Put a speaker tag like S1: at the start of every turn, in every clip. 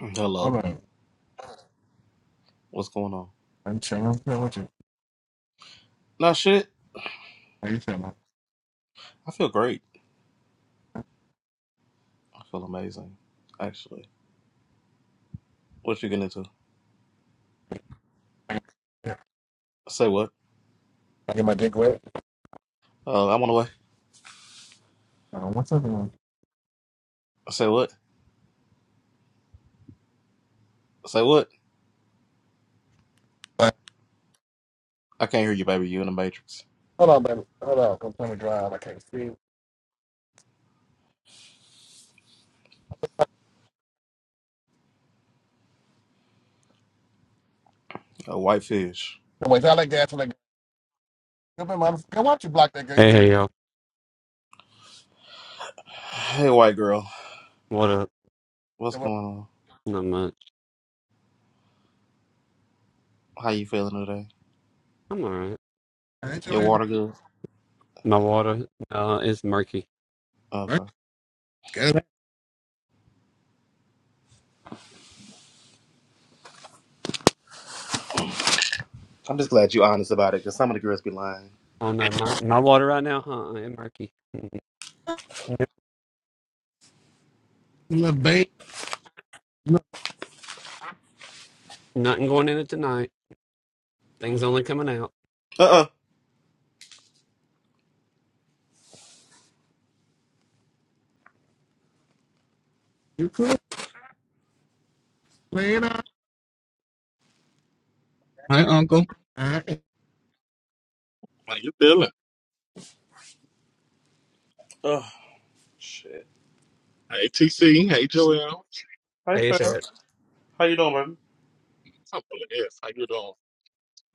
S1: Hello.
S2: What up?
S1: What's going on?
S2: I'm chilling. What with you?
S1: Nah, shit.
S2: How you feeling?
S1: I feel great. I feel amazing, actually. What you getting into?
S2: Yeah.
S1: Say what?
S2: I get my dick wet.
S1: Uh, I went away.
S2: Uh, what's up, man?
S1: Say what? Say what?
S2: Like,
S1: I can't hear you, baby. You in the Matrix.
S2: Hold on, baby. Hold on. Don't tell me drive. I can't see. No,
S1: A white fish.
S2: wait. I like that. I like. Come here, mother. Why don't you block that girl? You
S3: Hey,
S2: see
S3: hey, yo.
S1: Hey, white girl.
S3: What up?
S1: What's
S2: me?
S1: going on?
S3: Not much.
S1: How you feeling today?
S3: I'm alright.
S2: Ain't
S1: Your
S2: your ass.
S1: water good?
S3: My water uh is murky.
S2: Right?
S1: Okay.
S2: Get that
S1: I'm just glad you honest about it, because some of the girls be lying.
S3: Oh no, my my water right now, huh? It's murky. Yep.
S2: Little babe. Look,
S3: Nothing going in it tonight. Things only coming out.
S1: Uh-uh.
S2: You cool? Later.
S4: Hi, Uncle.
S2: Alright.
S4: How you feeling?
S1: Ugh. Shit.
S4: Hey, TC. Hey, Joel.
S1: Hey,
S3: Hey,
S1: fam.
S3: Fed.
S1: How you doing, baby?
S4: I'm feeling this. How you doing?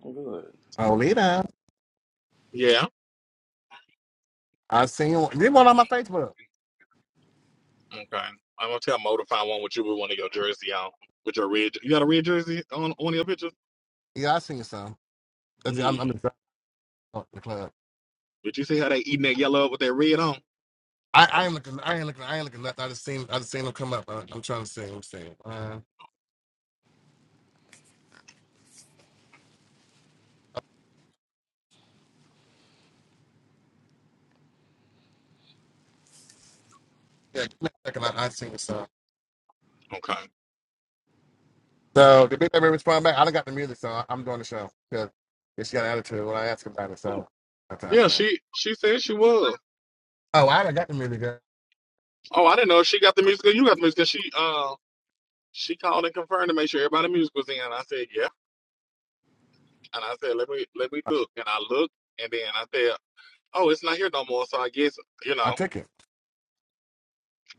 S1: I'm good.
S2: Oh, later.
S4: Yeah.
S2: I seen you. You one on my Facebook.
S4: Okay. I'm gonna tell Mo to find one with you with one of your jersey on, with your red. You got a red jersey on on your picture?
S2: Yeah, I seen some. Cause I'm,
S4: Yeah.
S2: I'm in the club.
S4: Did you see how they eating that yellow up with that red on?
S2: I, I ain't looking. I ain't looking. I ain't looking left. I just seen. I just seen them come up. I, I'm trying to see. I'm seeing. Uh, yeah, give me a second. I, I seen some.
S4: Okay.
S2: So the big baby respond back. I done got the music, so I- I'm doing the show because she got an attitude when I ask her about it.
S4: Oh,
S2: So that's how I
S4: yeah.
S2: feel. like
S4: She she said she was.
S2: Oh, I done got the music. girl.
S4: Oh, I didn't know if she got the music. or You got the music. 'Cause She uh she called and confirmed to make sure everybody music was in. I said yeah, and I said let me let me look, and I looked, and then I said oh it's not here no more. So I guess you
S2: I
S4: know.
S2: took it.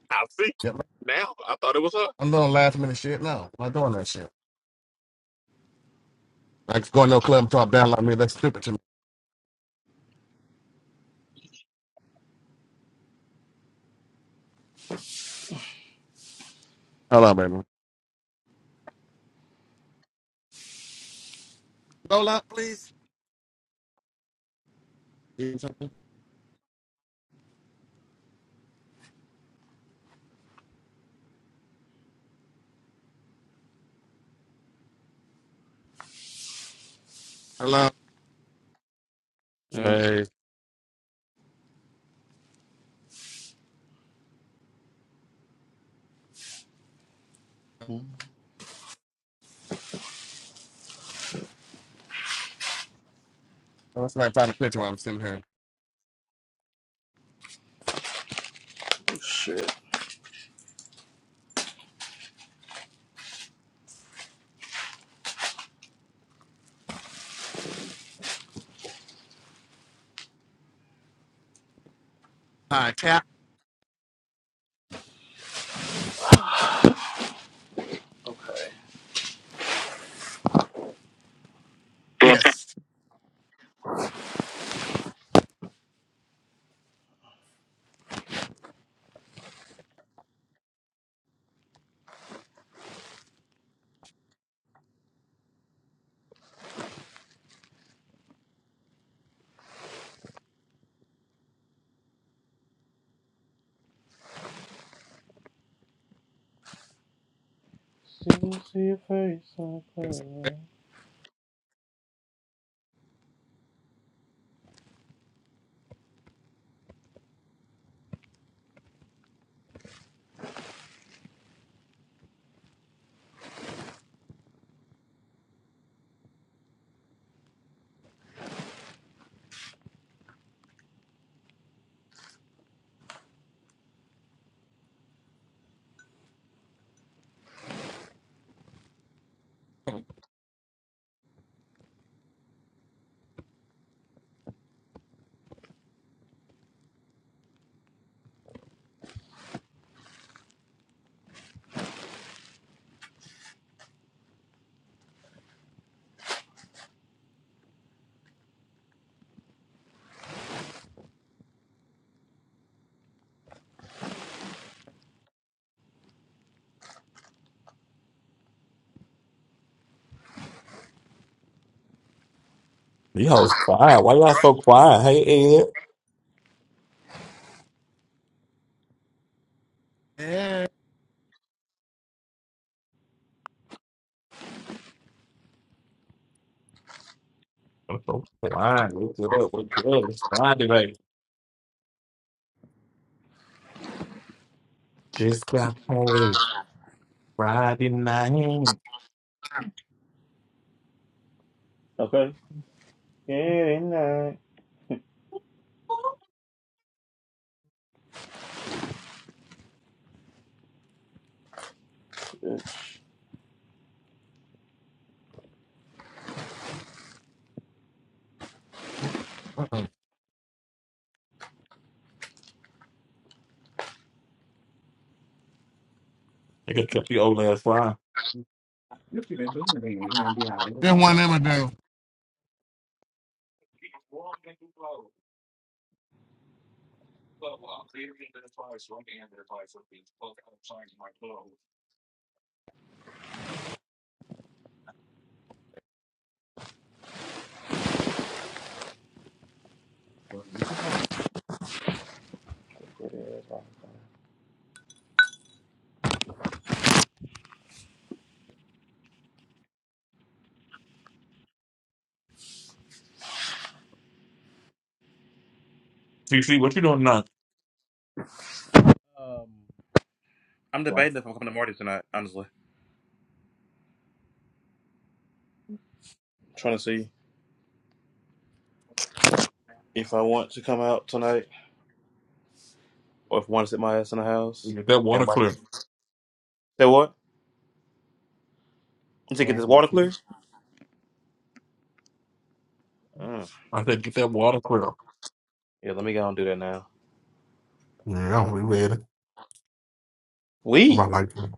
S4: I see.
S2: Yep.
S4: Now I thought it was her.
S2: I'm doing last minute shit. No, I'm not doing that shit. Like going to a club and talk down like me. That's stupid to me. Hello, baby. Lola, please. You need something? Hello.
S1: Mm-hmm.
S3: Hey.
S2: Oh, somebody find a picture while I'm sitting here.
S1: Shit.
S2: Hi, tap.
S1: Okay.
S2: Yes.
S1: Still see your face
S2: Yes.
S1: on
S4: You hoes quiet. Why y'all so quiet? Hey, Ed.
S2: Yeah.
S4: I'm so quiet. Wake it up. Wake it up. It's Friday night. Just got paid. Friday night.
S1: Okay. Yeah, ain't
S2: Uh-uh.
S4: I could kept the old ass fly.
S2: Then one of them will do.
S1: is. I'm
S4: CC, what you doing now?
S1: Um, I'm debating if I'm coming to Marty tonight, honestly. I'm trying to see if I want to come out tonight or if I want to sit my ass in the house.
S4: Get that
S1: And
S4: water
S1: my.
S4: clear.
S1: Say what? To get this
S4: I
S1: water clear? Mm.
S4: said, get that water clear.
S1: Yeah, let me go and do that now.
S4: Yeah, we ready. What about
S1: We?
S4: like, you.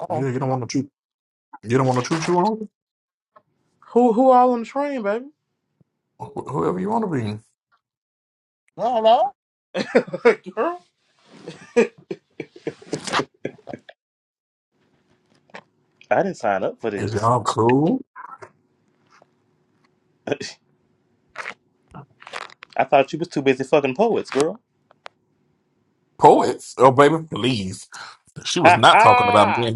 S2: Oh,
S4: yeah, you don't want to chew. You don't want to chew chew on
S1: Who who all on the train, baby?
S4: whoever you want to be.
S2: hello.
S1: girl? I didn't sign up for this. I thought you was too busy fucking poets, girl. Ha ha!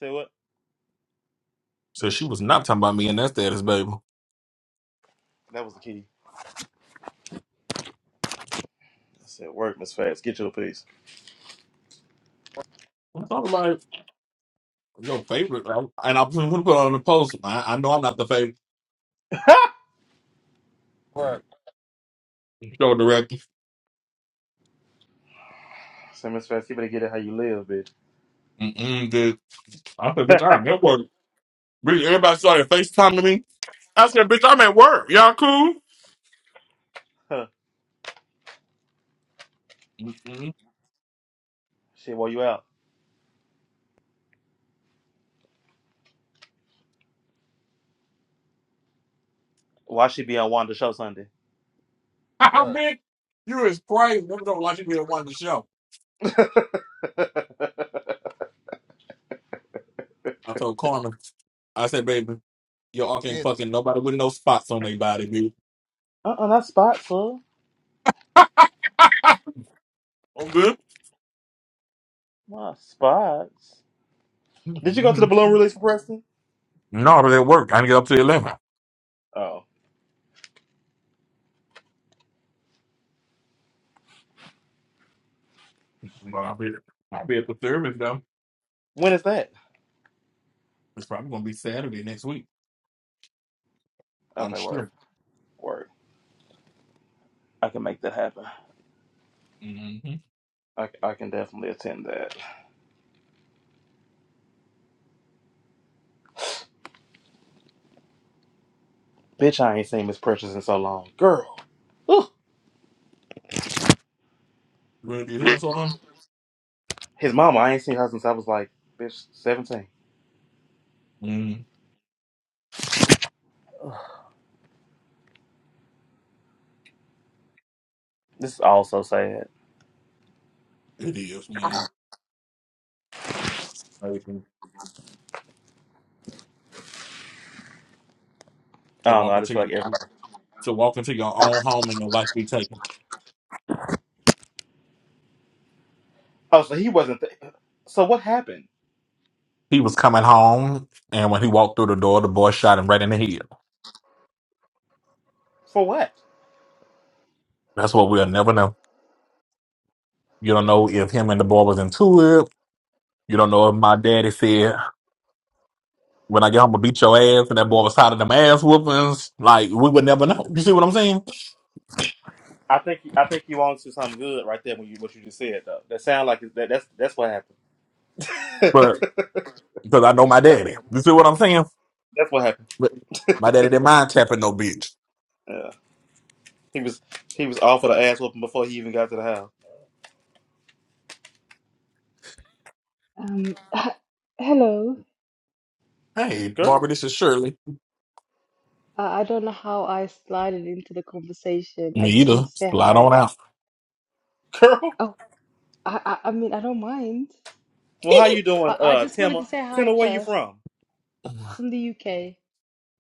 S1: Say what?
S4: And that's that is baby.
S1: That was the key. I said, work, Miss Fats. Get your piece.
S4: I'm talking about. Your favorite, right? and I'm gonna put on the post. I, I know I'm not the favorite
S2: What?
S4: show director.
S1: I said, Miss Fats, you better get it how you live, bitch.
S4: Mm-mm, dude. I said, bitch, I Well, really, everybody started FaceTime to me. I said, work, y'all cool?
S1: Shit, where you at? Why she be on Wanda show Sunday?
S2: What?
S4: You know. I told him, I said, baby,
S1: Uh uh not spots, huh? Not spots. Did you go to the balloon release for Preston?
S4: no, but at work. I didn't get up to 11.
S1: Oh,
S4: But I'll be, I'll be at the service, though.
S1: when is that?
S4: It's probably going to be Saturday next week. I'm
S1: Okay, word,
S4: sure.
S1: word. I can make that happen.
S4: Mm-hmm.
S1: I, I can definitely attend that. Bitch, I ain't seen Miss Precious in so long, girl. Ooh.
S4: Really, who else on them?
S1: His mama, I ain't seen her since I was like, bitch, seventeen.
S4: Mm,
S1: Ugh. This is all so sad.
S4: it is, man. Everything.
S1: I
S4: So
S1: don't know.
S4: walk
S1: I just feel like everybody. Oh, so he wasn't. Th- so what happened?
S4: people and
S1: For what?
S4: you know them ass whoopings like but no damn
S1: I think I think you on to something good right there when you what you just said though. That sound like that, that's that's what happened.
S4: but because I
S1: that's,
S4: did it damn
S1: that's what happened.
S4: but my dad
S1: Yeah, he was he was off of the ass whooping before he even got to the house.
S5: Um, hello.
S4: Hey,
S1: Girl,
S4: Barbara, this is Shirley.
S5: Uh, I don't know how I slided into the conversation. I
S4: Me
S5: just wanted
S4: either.
S5: to say
S4: Slide
S5: hi.
S4: on out.
S1: girl.
S5: Oh, I, I, I mean, I don't mind,
S1: Well, how you doing,
S5: but I
S1: uh,
S5: just wanted
S1: Timma?
S5: to say hi
S1: Timma, where you
S5: first
S1: from?
S5: from the UK.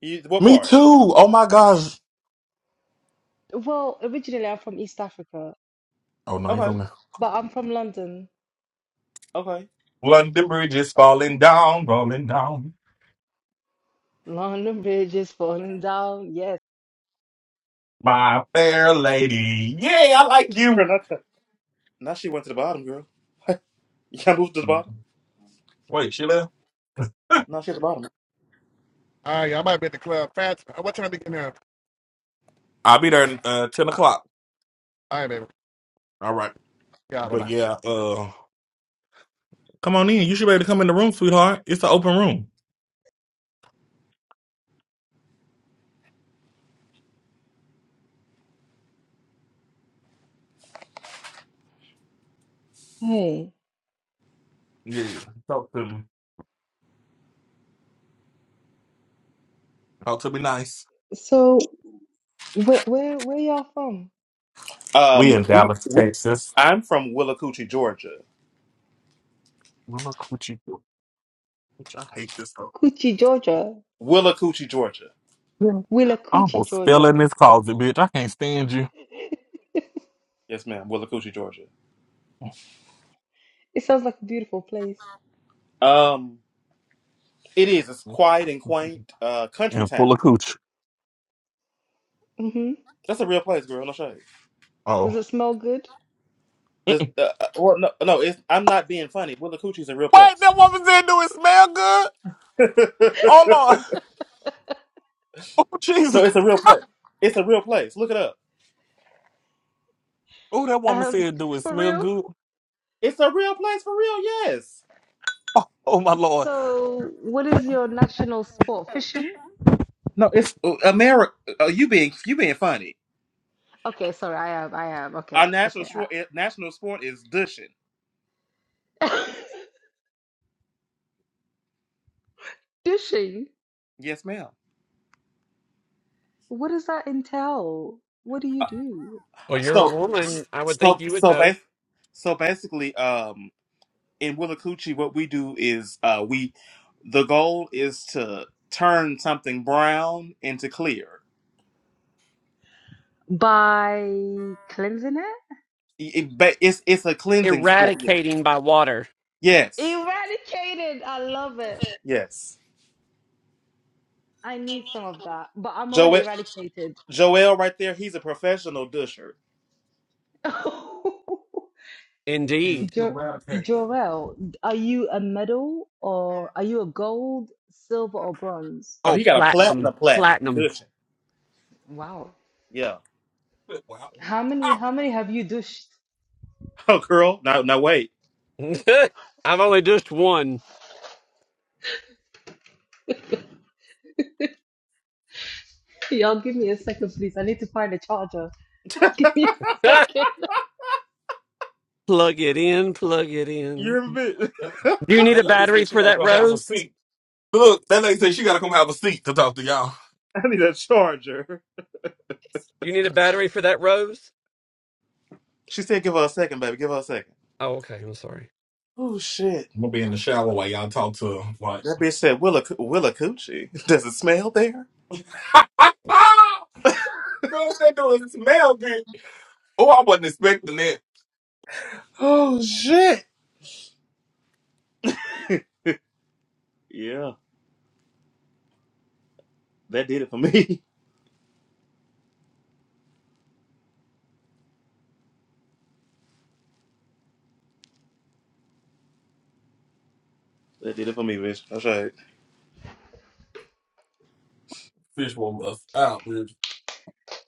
S1: You what
S4: Me
S1: part?
S4: too. Oh my gosh.
S5: Well, originally I'm from East Africa,
S4: Oh, no, ain't
S1: Okay,
S4: from there.
S5: but I'm from London.
S1: okay.
S4: London Bridge is falling down, rolling down.
S5: London Bridge is falling down. Yes.
S4: My fair lady. Hey, I like you.
S1: Girl, not that. Now she went to the bottom, girl. You can't move to the bottom. No, she at the bottom.
S2: All right, y'all might be at the club. Fast. What time to get in here?
S4: I'll be there uh, 10 o'clock.
S2: All right, baby.
S4: All right.
S2: Yeah, bye
S4: But
S2: bye.
S4: yeah, uh, come on in. You should be able to come in the room, sweetheart. It's an open room.
S5: Hey. So, where where where y'all from?
S4: We
S1: Um,
S4: in
S1: we,
S4: Dallas,
S1: we
S4: Texas.
S1: I'm from Willacoochee, Georgia.
S4: Look what you do. Bitch, I hate this hoe.
S5: Coochie, Georgia.
S1: Willacoochee, Georgia.
S4: Yeah. I
S5: Willacoochee,
S4: almost fell in
S5: Georgia.
S4: this closet, bitch. I can't stand you.
S1: Yes, ma'am. Willacoochee, Georgia.
S5: It sounds like a beautiful place.
S1: Um. It is. It's quiet and quaint. Uh, country
S4: And
S1: town.
S4: full of cooch.
S5: Mm-hmm.
S1: That's a real place, girl. No shade.
S4: Oh.
S5: Does it smell good?
S1: Does, uh, uh, well, no, no. It's, I'm not being funny. Willa Coochie's a real place. no,
S4: Oh,
S1: it's a real place. It's a real place. Look it up.
S4: oh, that woman.
S5: Um, for real?
S1: It's a real place for real. Yes.
S5: So, what is your national sport? Fishing?
S1: No, it's uh, America. Uh, you being you being funny.
S5: Okay, sorry, I am, I am.
S1: Our
S5: Okay,
S1: national
S5: okay.
S1: sport, national sport is dushing.
S5: I- Fishing?
S1: Yes, ma'am.
S5: What does that entail? What do you do?
S3: Well, you're a
S1: So,
S3: woman. I would think
S1: so,
S3: you would
S1: so,
S3: know.
S1: bas- so basically, um. in Willacoochee, what we do is uh, we the goal is to turn something brown into clear.
S5: By cleansing it?
S1: it- but it's it's a cleansing sport. Yeah.
S3: Eradicating by water.
S1: Yes,
S5: Eradicated! I love it.
S1: yes.
S5: I need some of that, but I'm already
S1: Joel
S5: eradicated.
S1: Joel right there. He's a professional dusher.
S3: Indeed.
S5: Jo Jorel, are you a medal or are you a gold, silver, or bronze?
S1: Oh,
S3: Oh,
S1: he got a
S3: platinum,
S1: platinum plaque in
S3: platinum.
S1: dushing.
S5: Wow.
S1: Yeah.
S4: Wow.
S5: How many how many have you douched?
S1: Oh, girl. No, no, wait.
S3: I've only just one.
S5: Y'all give me a second, please. I need to find a charger. Give me a second.
S3: plug it in. Plug it
S1: You
S3: in.
S1: remember?
S4: That,
S3: Do you need a
S4: that lady
S3: battery
S4: said she
S3: for
S4: gotta
S3: that
S4: come have a
S3: rose?
S4: seat. Look, that lady said she gotta come have a seat to talk to y'all.
S1: I need a charger.
S3: Do you need a battery for that rose?
S1: She said, "Give her a second, baby. Give her a second."
S3: Oh, okay. I'm sorry.
S1: Oh shit.
S4: I'm gonna be in the shower while y'all talk to her. Like,
S1: That bitch said Willa Willa Coochie. Does it smell there?
S4: ah, girl, that doing smell good. Oh, I was.
S1: Oh shit. Yeah. That did it for me. that did it for me, bitch. That's right.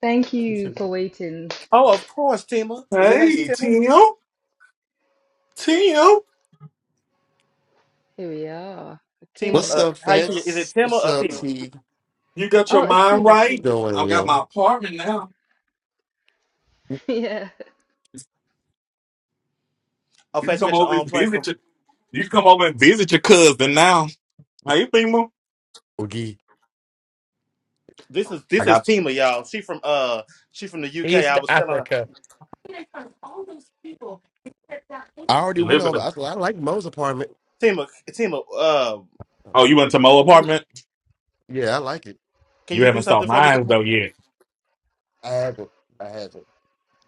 S5: Thank you for waiting.
S1: Oh, of course, Tima. Is it, is
S4: Hey,
S1: it Tima?
S4: Tim, Tim,
S5: Here we are.
S1: Tima,
S6: What's
S5: Okay.
S1: uh,
S6: up,
S1: how you say it? Is it
S6: Fats?
S1: Tima
S6: What's
S1: or
S6: up,
S1: Tima?
S6: T?
S4: you got
S5: Oh,
S4: your
S5: it's
S4: mind
S5: Tima,
S4: right.
S5: Tima.
S6: Doing,
S4: I got
S6: yo.
S4: my apartment now.
S5: Yeah.
S1: Oh,
S4: You can
S1: fast, you
S4: come
S1: got your
S4: over
S1: own
S4: and
S1: place. So,
S4: visit your. You can come over and visit your cousin now. How you feeling?
S6: Oogie.
S1: This is
S4: I
S1: this is
S4: got
S1: Tima, y'all. She from uh she from the UK.
S3: East
S1: I was telling her
S3: Africa.
S6: I already
S4: you
S6: went
S4: live in
S6: over.
S4: a.
S6: I, I like Mo's apartment.
S1: Tima Tima, uh
S4: Oh, you went to my old apartment.
S6: Yeah, I like it.
S1: can
S4: You
S1: you do
S4: haven't saw
S1: something for me,
S4: mine
S1: Tima?
S4: though yet.
S6: I haven't. I haven't.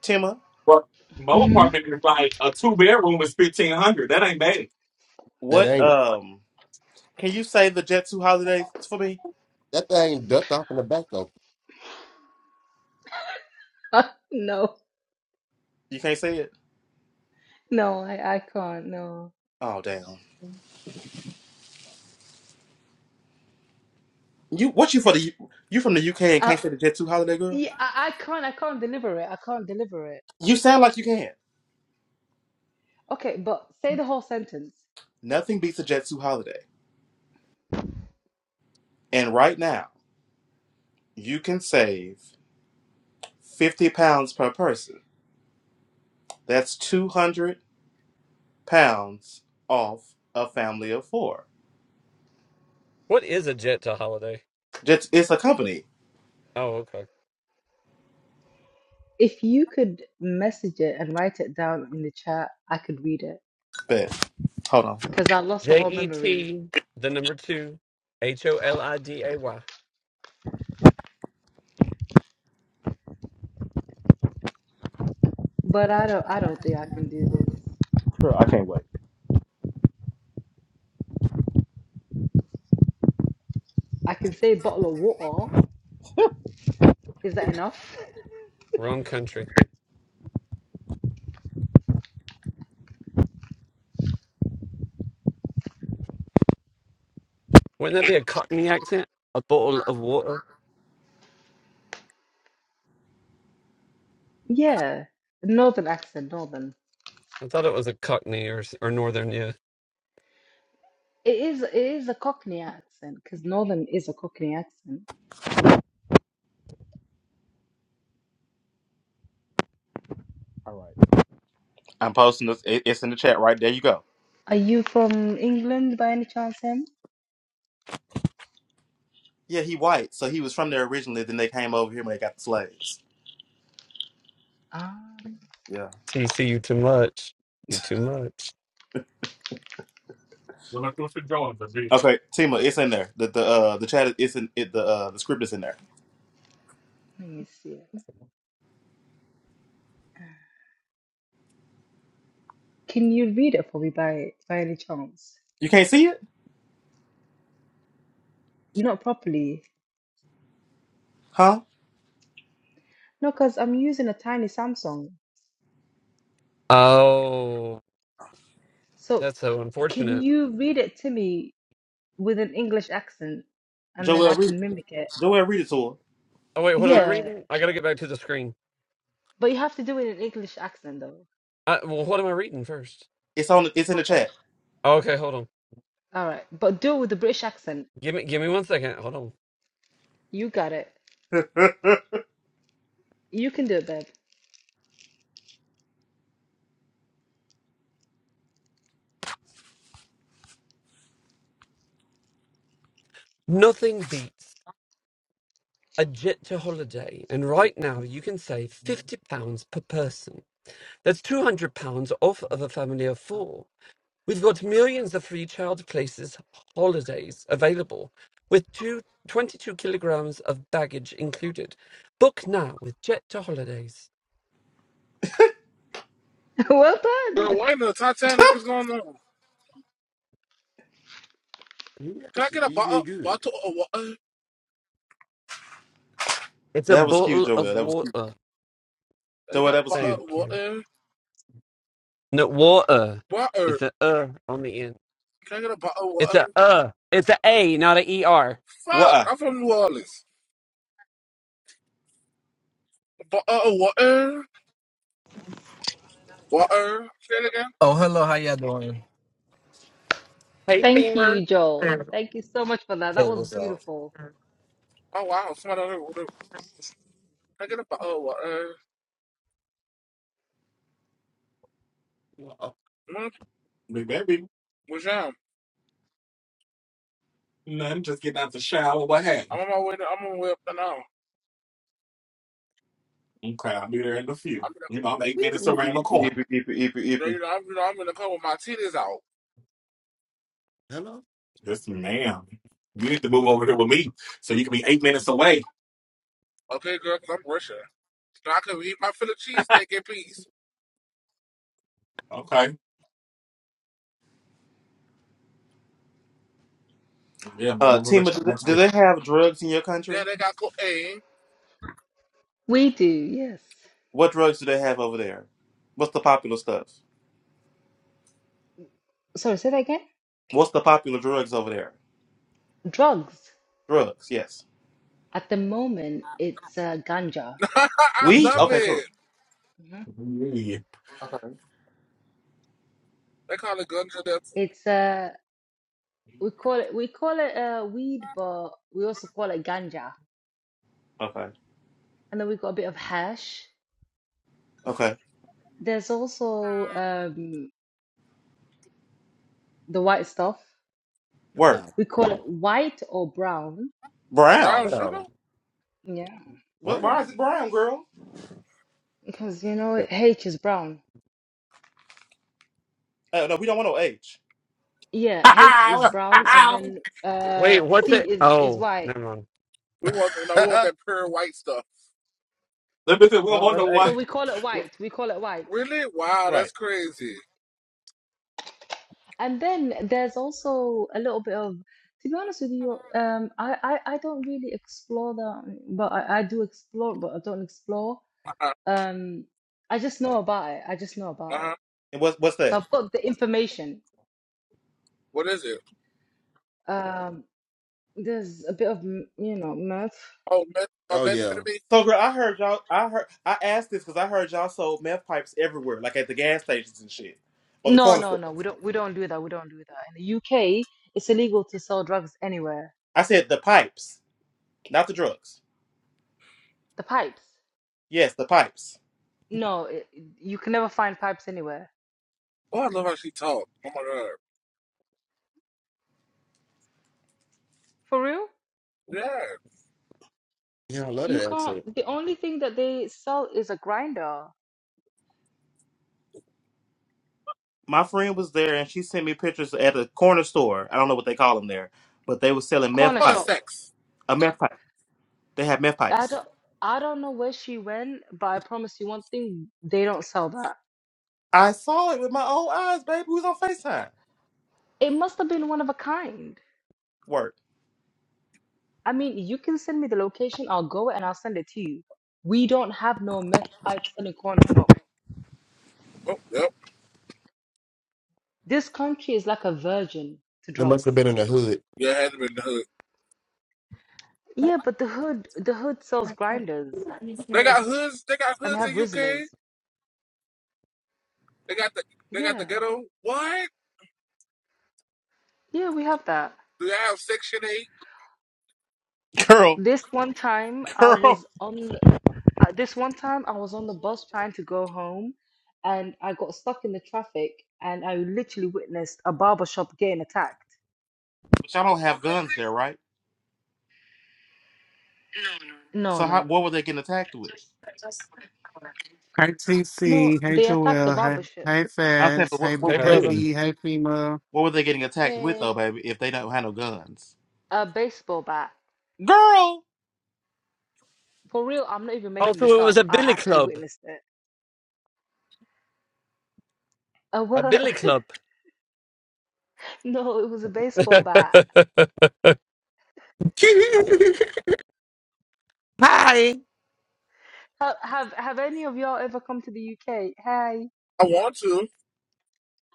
S1: Tima,
S4: Well, my
S5: hmm
S4: apartment is like a two bedroom is fifteen hundred. That ain't bad.
S6: That
S1: what
S6: ain't.
S1: um can you say the Jet Two holidays for me?
S6: That thing ducked off in the back though.
S5: no.
S1: You can't say it?
S5: No, I, I can't. No.
S1: Oh damn. You what you for the you from the UK and
S5: I,
S1: can't say the Jet 2 holiday, girl?
S5: yeah, I, I can't. I can't deliver it. I can't deliver it.
S1: You sound like you can.
S5: Okay, but say the whole sentence.
S1: Nothing beats a Jet 2 holiday. And right now, you can save fifty pounds per person. That's two hundred pounds off a family of four.
S3: What is a Jetta holiday?
S1: Just it's a company,
S3: Oh, okay.
S5: If you could message it and write it down in the chat, I could read it
S1: but hold on,
S5: because I lost the
S3: J
S5: whole
S3: E
S5: memory.
S3: T. The number two, H O L I D A Y.
S5: But I don't. I don't think I can do this.
S1: girl, I can't wait.
S5: I can say bottle of water. Is that enough?
S3: Wrong country. Wouldn't that be a Cockney accent? A bottle of water.
S5: Yeah, northern accent, northern.
S3: I thought it was a Cockney or or Northern. Yeah.
S5: It is it is a Cockney accent because northern is a Cockney accent.
S1: All right, I'm posting this. It, it's in the chat right there. You go.
S5: Are you from England by any chance, Em?
S1: Yeah, he white, so he was from there originally. Then they came over here when they got the slaves.
S5: Ah,
S1: Yeah.
S3: TC, you too much. You too much.
S4: Well, I thought you going to be.
S1: Okay, Tima, it's in there. The the uh the chat is it's in it. The uh the script is in there.
S5: let me see. it. Can you read it for me by by any chance?
S1: You can't see it,
S5: Not properly.
S1: huh?
S5: No, because I'm using a tiny Samsung.
S3: Oh,
S5: So
S3: that's so
S5: can
S3: unfortunate.
S5: you read it to me with an English accent, and then I
S1: Joel, read
S5: can mimic it?
S1: Joel, read it to her,
S3: Oh wait, what am I
S1: please.
S5: Yeah,
S3: reading? I gotta get back to the screen.
S5: but you have to do it in an English accent though.
S3: I, well, what am I reading first?
S1: It's on. It's in the
S5: Uh,
S1: chat.
S3: Oh, okay, hold on.
S5: All right, but do it with the British accent.
S3: Give me give me one second. Hold on.
S5: You got it.
S1: that
S5: You can do it, babe.
S3: Nothing beats a jet to holiday, and right now you can save fifty pounds per person. That's two hundred pounds off of a family of four. We've got millions of free child places holidays available, with two twenty-two kilograms of baggage included. Book now with Jet to Holidays.
S5: Well
S7: Girl,
S5: done.
S7: why the Titanic is going on?
S6: He
S7: Can I
S6: actually
S7: get a
S6: he
S7: bottle,
S6: did good.
S7: bottle of water?
S3: It's a
S1: was cute,
S3: bottle
S1: Joel.
S3: of
S1: That was cute.
S3: water.
S7: I
S1: Joel,
S7: got a
S1: that was
S7: bottle of
S3: Thank
S1: cute.
S3: you.
S7: water.
S3: No water.
S7: Water.
S3: It's a uh on the end.
S7: Can I get a bottle of
S3: It's
S7: water?
S3: a uh. It's a a, not a er.
S7: Fuck,
S1: Why?
S7: I'm from New Orleans. A bottle of water. Water. Say it again.
S8: Oh, hello. How y'all doing?
S3: Hey,
S5: Thank
S3: Beamer.
S5: you, Joel. Thank you so much for that. That
S8: Hey,
S5: was
S8: what's up?
S5: beautiful.
S7: Oh, wow. Somebody else ordered. Can I get a bottle of water?
S6: Oh,
S7: Mm, What's jam?
S4: Nothing, just getting out the shower, what have
S7: I'm on my way. To, I'm on my way up there now.
S4: you. Okay, I'll be there in a few.
S7: I'm in
S4: You know, I'm eight minutes
S1: Eepy,
S4: around
S1: eepy,
S4: the corner.
S1: eepy, eepy, eepy,
S7: the, you know, I'm, you know, I'm in the car with my titties out.
S6: hello,
S4: Yes, ma'am. You need to move over here with me so you can be eight minutes away.
S7: Okay, girl, 'cause I'm Russian. So I can eat my Philly cheesesteak in peace.
S4: Okay. Yeah, move
S1: Uh,
S4: over with
S1: Tima, do
S4: your
S1: they,
S4: ass.
S1: do they have drugs in your
S7: Yeah,
S1: country?
S7: they got cocaine.
S5: We do, yes.
S1: What drugs do they have over there? What's the popular stuff?
S5: Sorry, say that again.
S1: What's the popular drugs over there?
S5: Drugs.
S1: Drugs, yes.
S5: At the moment, it's uh, ganja.
S7: I
S4: Come
S1: Weed.
S7: love
S4: to
S1: Okay, cool.
S7: it.
S5: Mhm.
S4: me.
S1: Okay.
S7: They call it ganja
S5: It's uh, we call it we call it uh, weed, but we also call it ganja.
S1: Okay.
S5: And then we've got a bit of hash.
S1: Okay.
S5: There's also um, the white stuff.
S6: the
S1: Work.
S6: power.
S5: We call it white or brown.
S7: Brown
S1: Brown.
S7: sugar?
S6: Hello.
S5: Yeah.
S1: What?
S6: What?
S1: Why is it brown, girl?
S5: Because you know H is brown.
S1: Oh no, we don't want no age.
S5: Yeah, H is brown and then uh
S3: Wait, what's
S5: C
S3: it?
S5: is is
S3: Oh,
S5: white.
S3: never mind.
S7: We want no, we want that pure white stuff.
S4: Let me see,
S1: We
S4: we don't
S1: don't want
S4: want
S1: none
S4: no
S1: H.
S5: So
S4: one.
S5: we call it white. We call it white.
S7: Really? Wow,
S1: Right.
S7: that's crazy.
S5: And then there's also a little bit of to be honest with you, um I I, I don't really explore that but I, I do explore but I don't explore.
S7: Uh-huh.
S5: Um I just know about it. I just know about it.
S7: uh-huh.
S1: And what's what's that?
S5: So I've got the information.
S7: What is it?
S5: Um there's a bit of m- you know math
S7: Oh, met, uh,
S6: oh yeah.
S7: methamphetamine.
S1: So girl, I heard y'all. I heard I asked this because I heard y'all sold meth pipes everywhere, like at the gas stations and shit, or the
S5: No,
S1: corner
S5: no,
S1: store.
S5: no. We don't. We don't do that. We don't do that. In the UK, it's illegal to sell drugs anywhere.
S1: I said the pipes, not the drugs.
S5: The pipes.
S1: Yes, the pipes.
S5: No, it, you can never find pipes anywhere.
S7: Oh, I love how she talked. Oh my god.
S5: For real?
S7: Yeah.
S6: Yeah, I love
S5: You
S6: that
S5: can't.
S6: accent.
S5: The only thing that they sell is a grinder,
S1: My friend was there and she sent me pictures at a corner store. I don't know what they call them there, but they were selling meth
S5: corner
S7: Oh, the
S1: pipe.
S5: shop.
S7: sex.
S1: A meth pipe. They had meth
S5: I
S1: pipes.
S5: don't. I don't know where she went, but I promise you one thing: they don't sell that.
S1: I saw it with my own eyes, baby. Who's on Facetime?
S5: It must have been one of a kind.
S1: Work,
S5: I mean, you can send me the location. I'll go and I'll send it to you. We don't have no meth pipes in a corner shop.
S7: Oh, yep.
S5: This country is like a virgin to
S6: It must
S5: drugs.
S6: have been in the
S7: Yeah, it had to be the hood.
S5: Yeah, but the hood the hood sells
S6: hood.
S5: grinders
S7: They got hoods. They got
S5: and they
S7: hoods
S5: have
S7: in
S5: Rizzlers.
S7: UK. They got the they got the
S5: Yeah.
S7: ghetto. What?
S5: Yeah, we have that.
S7: Do they have Section Eight?
S1: girl,
S5: This one time I
S1: girl.
S5: was on uh, this one time I was on the bus trying to go home and I got stuck in the traffic and I literally witnessed a barber shop getting attacked.
S1: But y'all don't have
S7: What?
S1: guns there, right?
S5: No,
S1: So
S5: no,
S1: how what
S5: no.
S1: were they getting attacked with?
S9: Hi
S5: No,
S9: TC, hey
S5: they attacked the
S9: Joel, hey
S5: barber shop.
S9: hey
S1: I'm saying,
S9: Fast,
S1: but
S9: hey
S1: what what
S9: B,
S3: Hey,
S1: were
S9: hey
S1: they
S4: Hey.
S3: brother.
S9: D, hey FEMA.
S1: what were they getting attacked with
S5: Hey,
S1: though, baby? If they don't have no guns,
S5: a baseball bat.
S1: girl.
S5: For real, I'm not even making
S3: Also,
S5: this
S3: it was
S5: up.
S3: a
S5: I
S3: billy
S5: actually
S3: club.
S5: witnessed it. A
S3: A
S5: what?
S3: billy club.
S5: No, it was a baseball bat.
S10: Hi.
S5: Have have, have any of y'all ever come to the UK? Hey,
S7: I want to.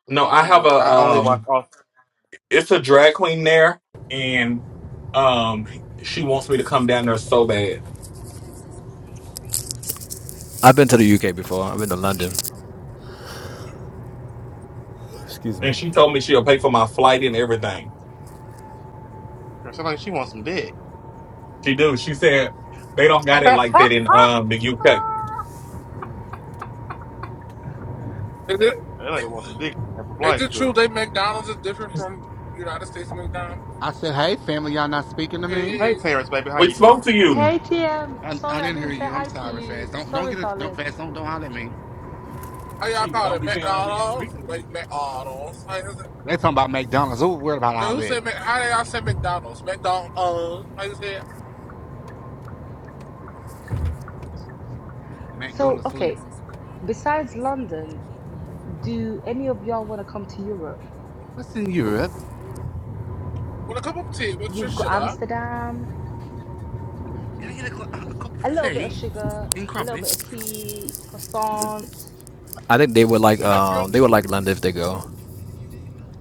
S4: No, I have a
S1: Mm-mm. I only
S4: um.
S1: watch off.
S4: it's a drag queen there, and um, she wants me to come down there so bad.
S8: I've been to the UK before. I've been to London. Excuse me.
S4: And she told me she'll pay for my flight and everything.
S1: Girl, sound like she wants some dick.
S4: She do. She said they don't got it
S1: that
S4: like that in um the UK.
S7: Is it
S1: lady wants some dick for
S7: is
S1: flight,
S7: it true
S1: girl.
S7: they McDonald's is different from United States McDonald's?
S9: I said, hey family, y'all not speaking to
S7: Hey,
S9: me?
S7: hey,
S1: Hey,
S7: hey.
S1: Terrence, baby, how
S4: We
S1: you doing?
S4: spoke to you.
S5: hey, TM.
S9: I, I
S5: Sorry, I
S9: didn't hear
S5: didn't say
S9: you. I'm
S5: hi to
S9: sorry, Fast.
S5: you.
S9: Don't don't
S5: Sorry,
S9: get it. Don't
S5: darling.
S9: Fast. Don't don't holler at me.
S7: how y'all
S4: She
S7: call
S4: don't
S7: it
S4: be saying like we
S7: McDonald's? Like McDonald's. Like,
S9: They talking about McDonald's. Who worried about
S7: So
S9: all
S7: who
S9: that?
S7: said how did y'all say McDonald's? McDonald's. Uh, like I said,
S9: Mac, go
S5: So,
S9: to sleep.
S5: okay. Besides London, do any of y'all want to come to Europe?
S9: What's in Europe?
S7: with a cup of tea with your
S5: You've got
S7: sugar.
S5: Amsterdam,
S9: Can I get a, cu- a cup of
S5: a little bit of
S9: tea
S5: sugar,
S9: and
S5: a little bit of
S9: crumpets?
S5: tea, croissant.
S8: I think they would like
S7: You like grilled
S8: um they would like
S7: cheese?
S8: London if they go.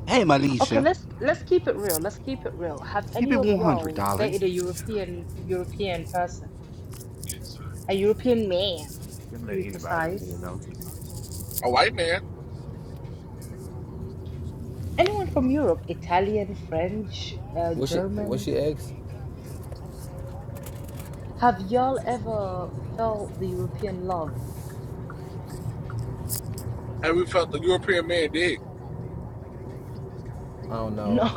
S9: Hey,
S5: Okay,
S9: Malisha,
S5: let's let's keep it real. Let's keep it real. Have
S9: let's keep
S5: any
S9: it
S5: of
S9: one hundred,
S5: y'all
S9: darling.
S5: dated a European European person, a European man,
S9: Don't
S5: to
S9: let
S5: be
S9: anybody in here,
S5: precise?
S9: don't you?
S7: A white man,
S5: Anyone from Europe, Italian, French, uh,
S8: What's she? What's she
S5: German,
S8: ex? I
S5: have y'all ever felt the European love?
S7: and we felt the European man dick.
S8: don't know.
S5: No,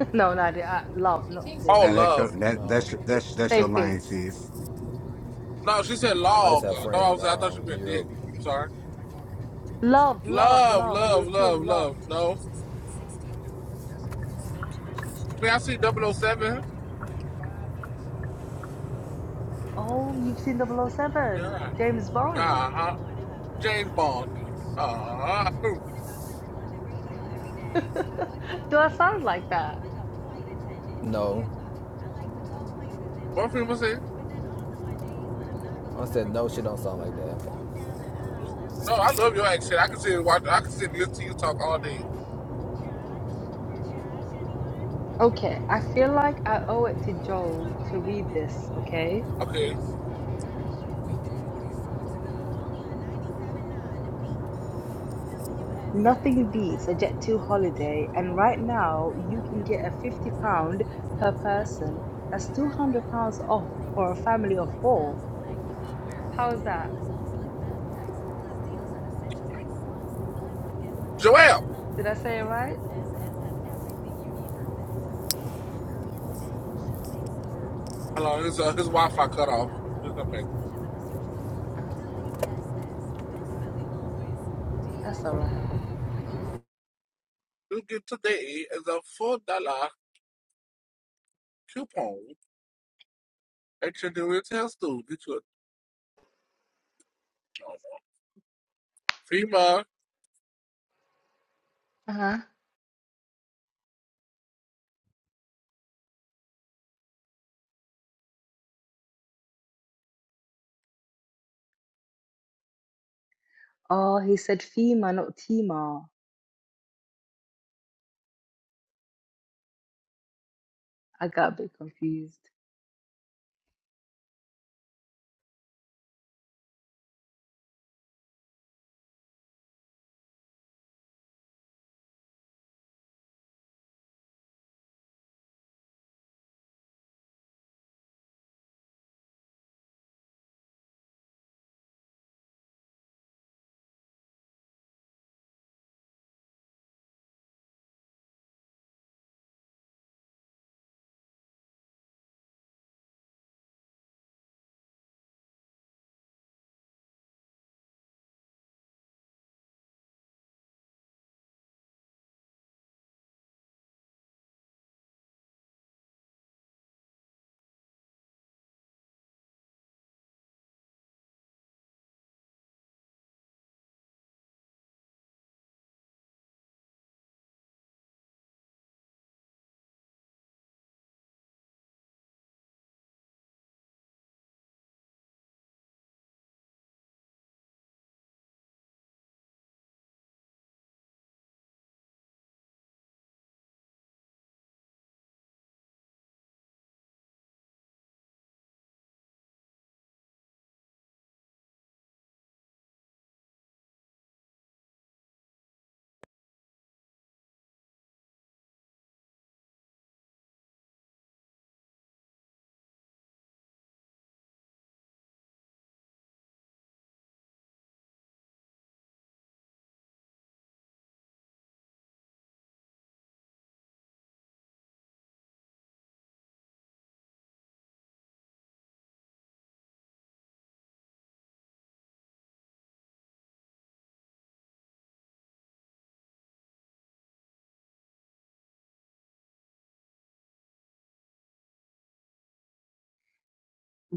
S5: no, not the, uh, love, not the
S7: Oh,
S9: Now that's
S5: but
S7: love.
S9: your, that
S8: No,
S9: that's your,
S5: it,
S9: that's that's your
S5: same thing.
S9: line, sis.
S7: No, she said
S8: I just
S7: log.
S8: have
S7: No,
S8: friends
S7: I
S8: in
S7: was. I thought she
S8: um,
S7: meant dick.
S8: Europe.
S7: I'm sorry.
S5: Love, love,
S7: Love,
S5: love,
S7: love, love,
S5: European love.
S7: love. No, I mean I see double oh seven.
S5: Oh, you've seen Double O Seven,
S7: Yeah.
S5: James Bond.
S7: Uh huh. James Bond. Uh huh.
S5: Do I sound like that?
S8: No.
S7: One thing I say.
S8: I said no. She don't sound like that.
S7: No, I love your accent. I can sit and watch. I can sit and listen to you talk all day.
S5: Okay, I feel like I owe it to Joel to read this, okay?
S7: Okay,
S5: Nothing beats a Jet2 holiday, and right now you can get a £50 per person. That's £200 off for a family of four. How's that?
S7: Joelle.
S5: Did I say it right?
S8: Everything you need for
S7: Hold on. His uh, his Wi-Fi cut off. We'll come back.
S5: Uh, that's all right.
S7: Looking today is a four-dollar coupon at your nearest health store. Get you a free mug.
S5: Uh-huh. Oh, he said FEMA, not TEMA. I got a bit confused.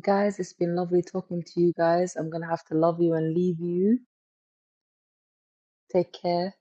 S5: Guys, it's been lovely talking to you guys. I'm gonna have to love you and leave you. Take care.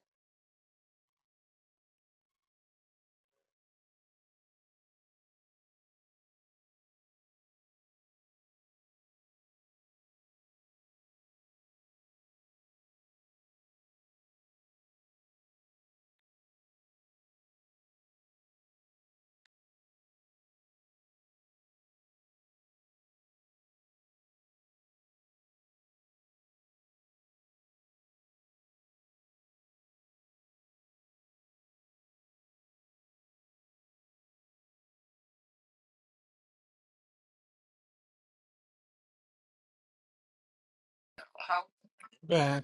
S4: back.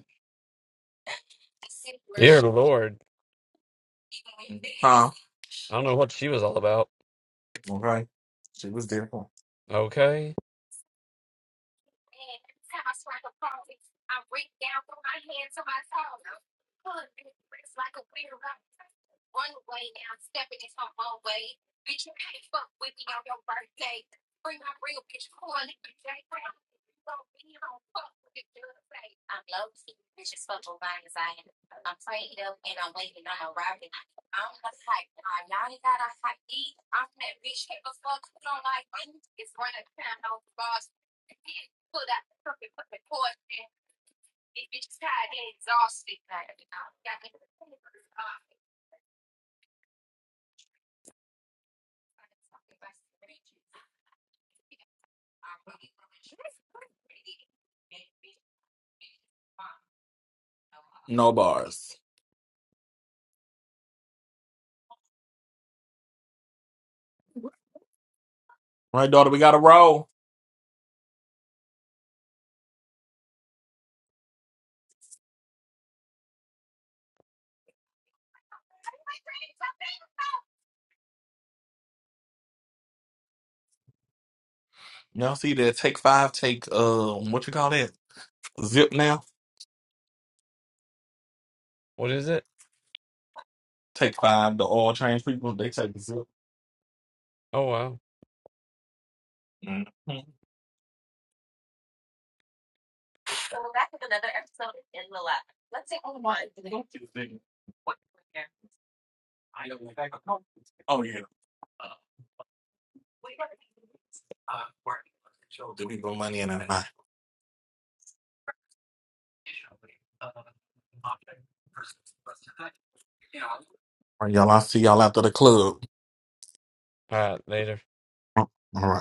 S3: Dear Lord. I don't know what she was all about.
S4: Okay, she was there.
S3: Okay.
S4: No bars. All Right, daughter. We got to roll. Y'all see that? Take five. Take um, what you call that? Zip now.
S3: What is it?
S4: Take five. The oil change people they take the zip.
S3: Oh, wow.
S4: Mhm. Oh yeah. All right, y'all. I see y'all after the club.
S3: All right. Later.
S4: All right.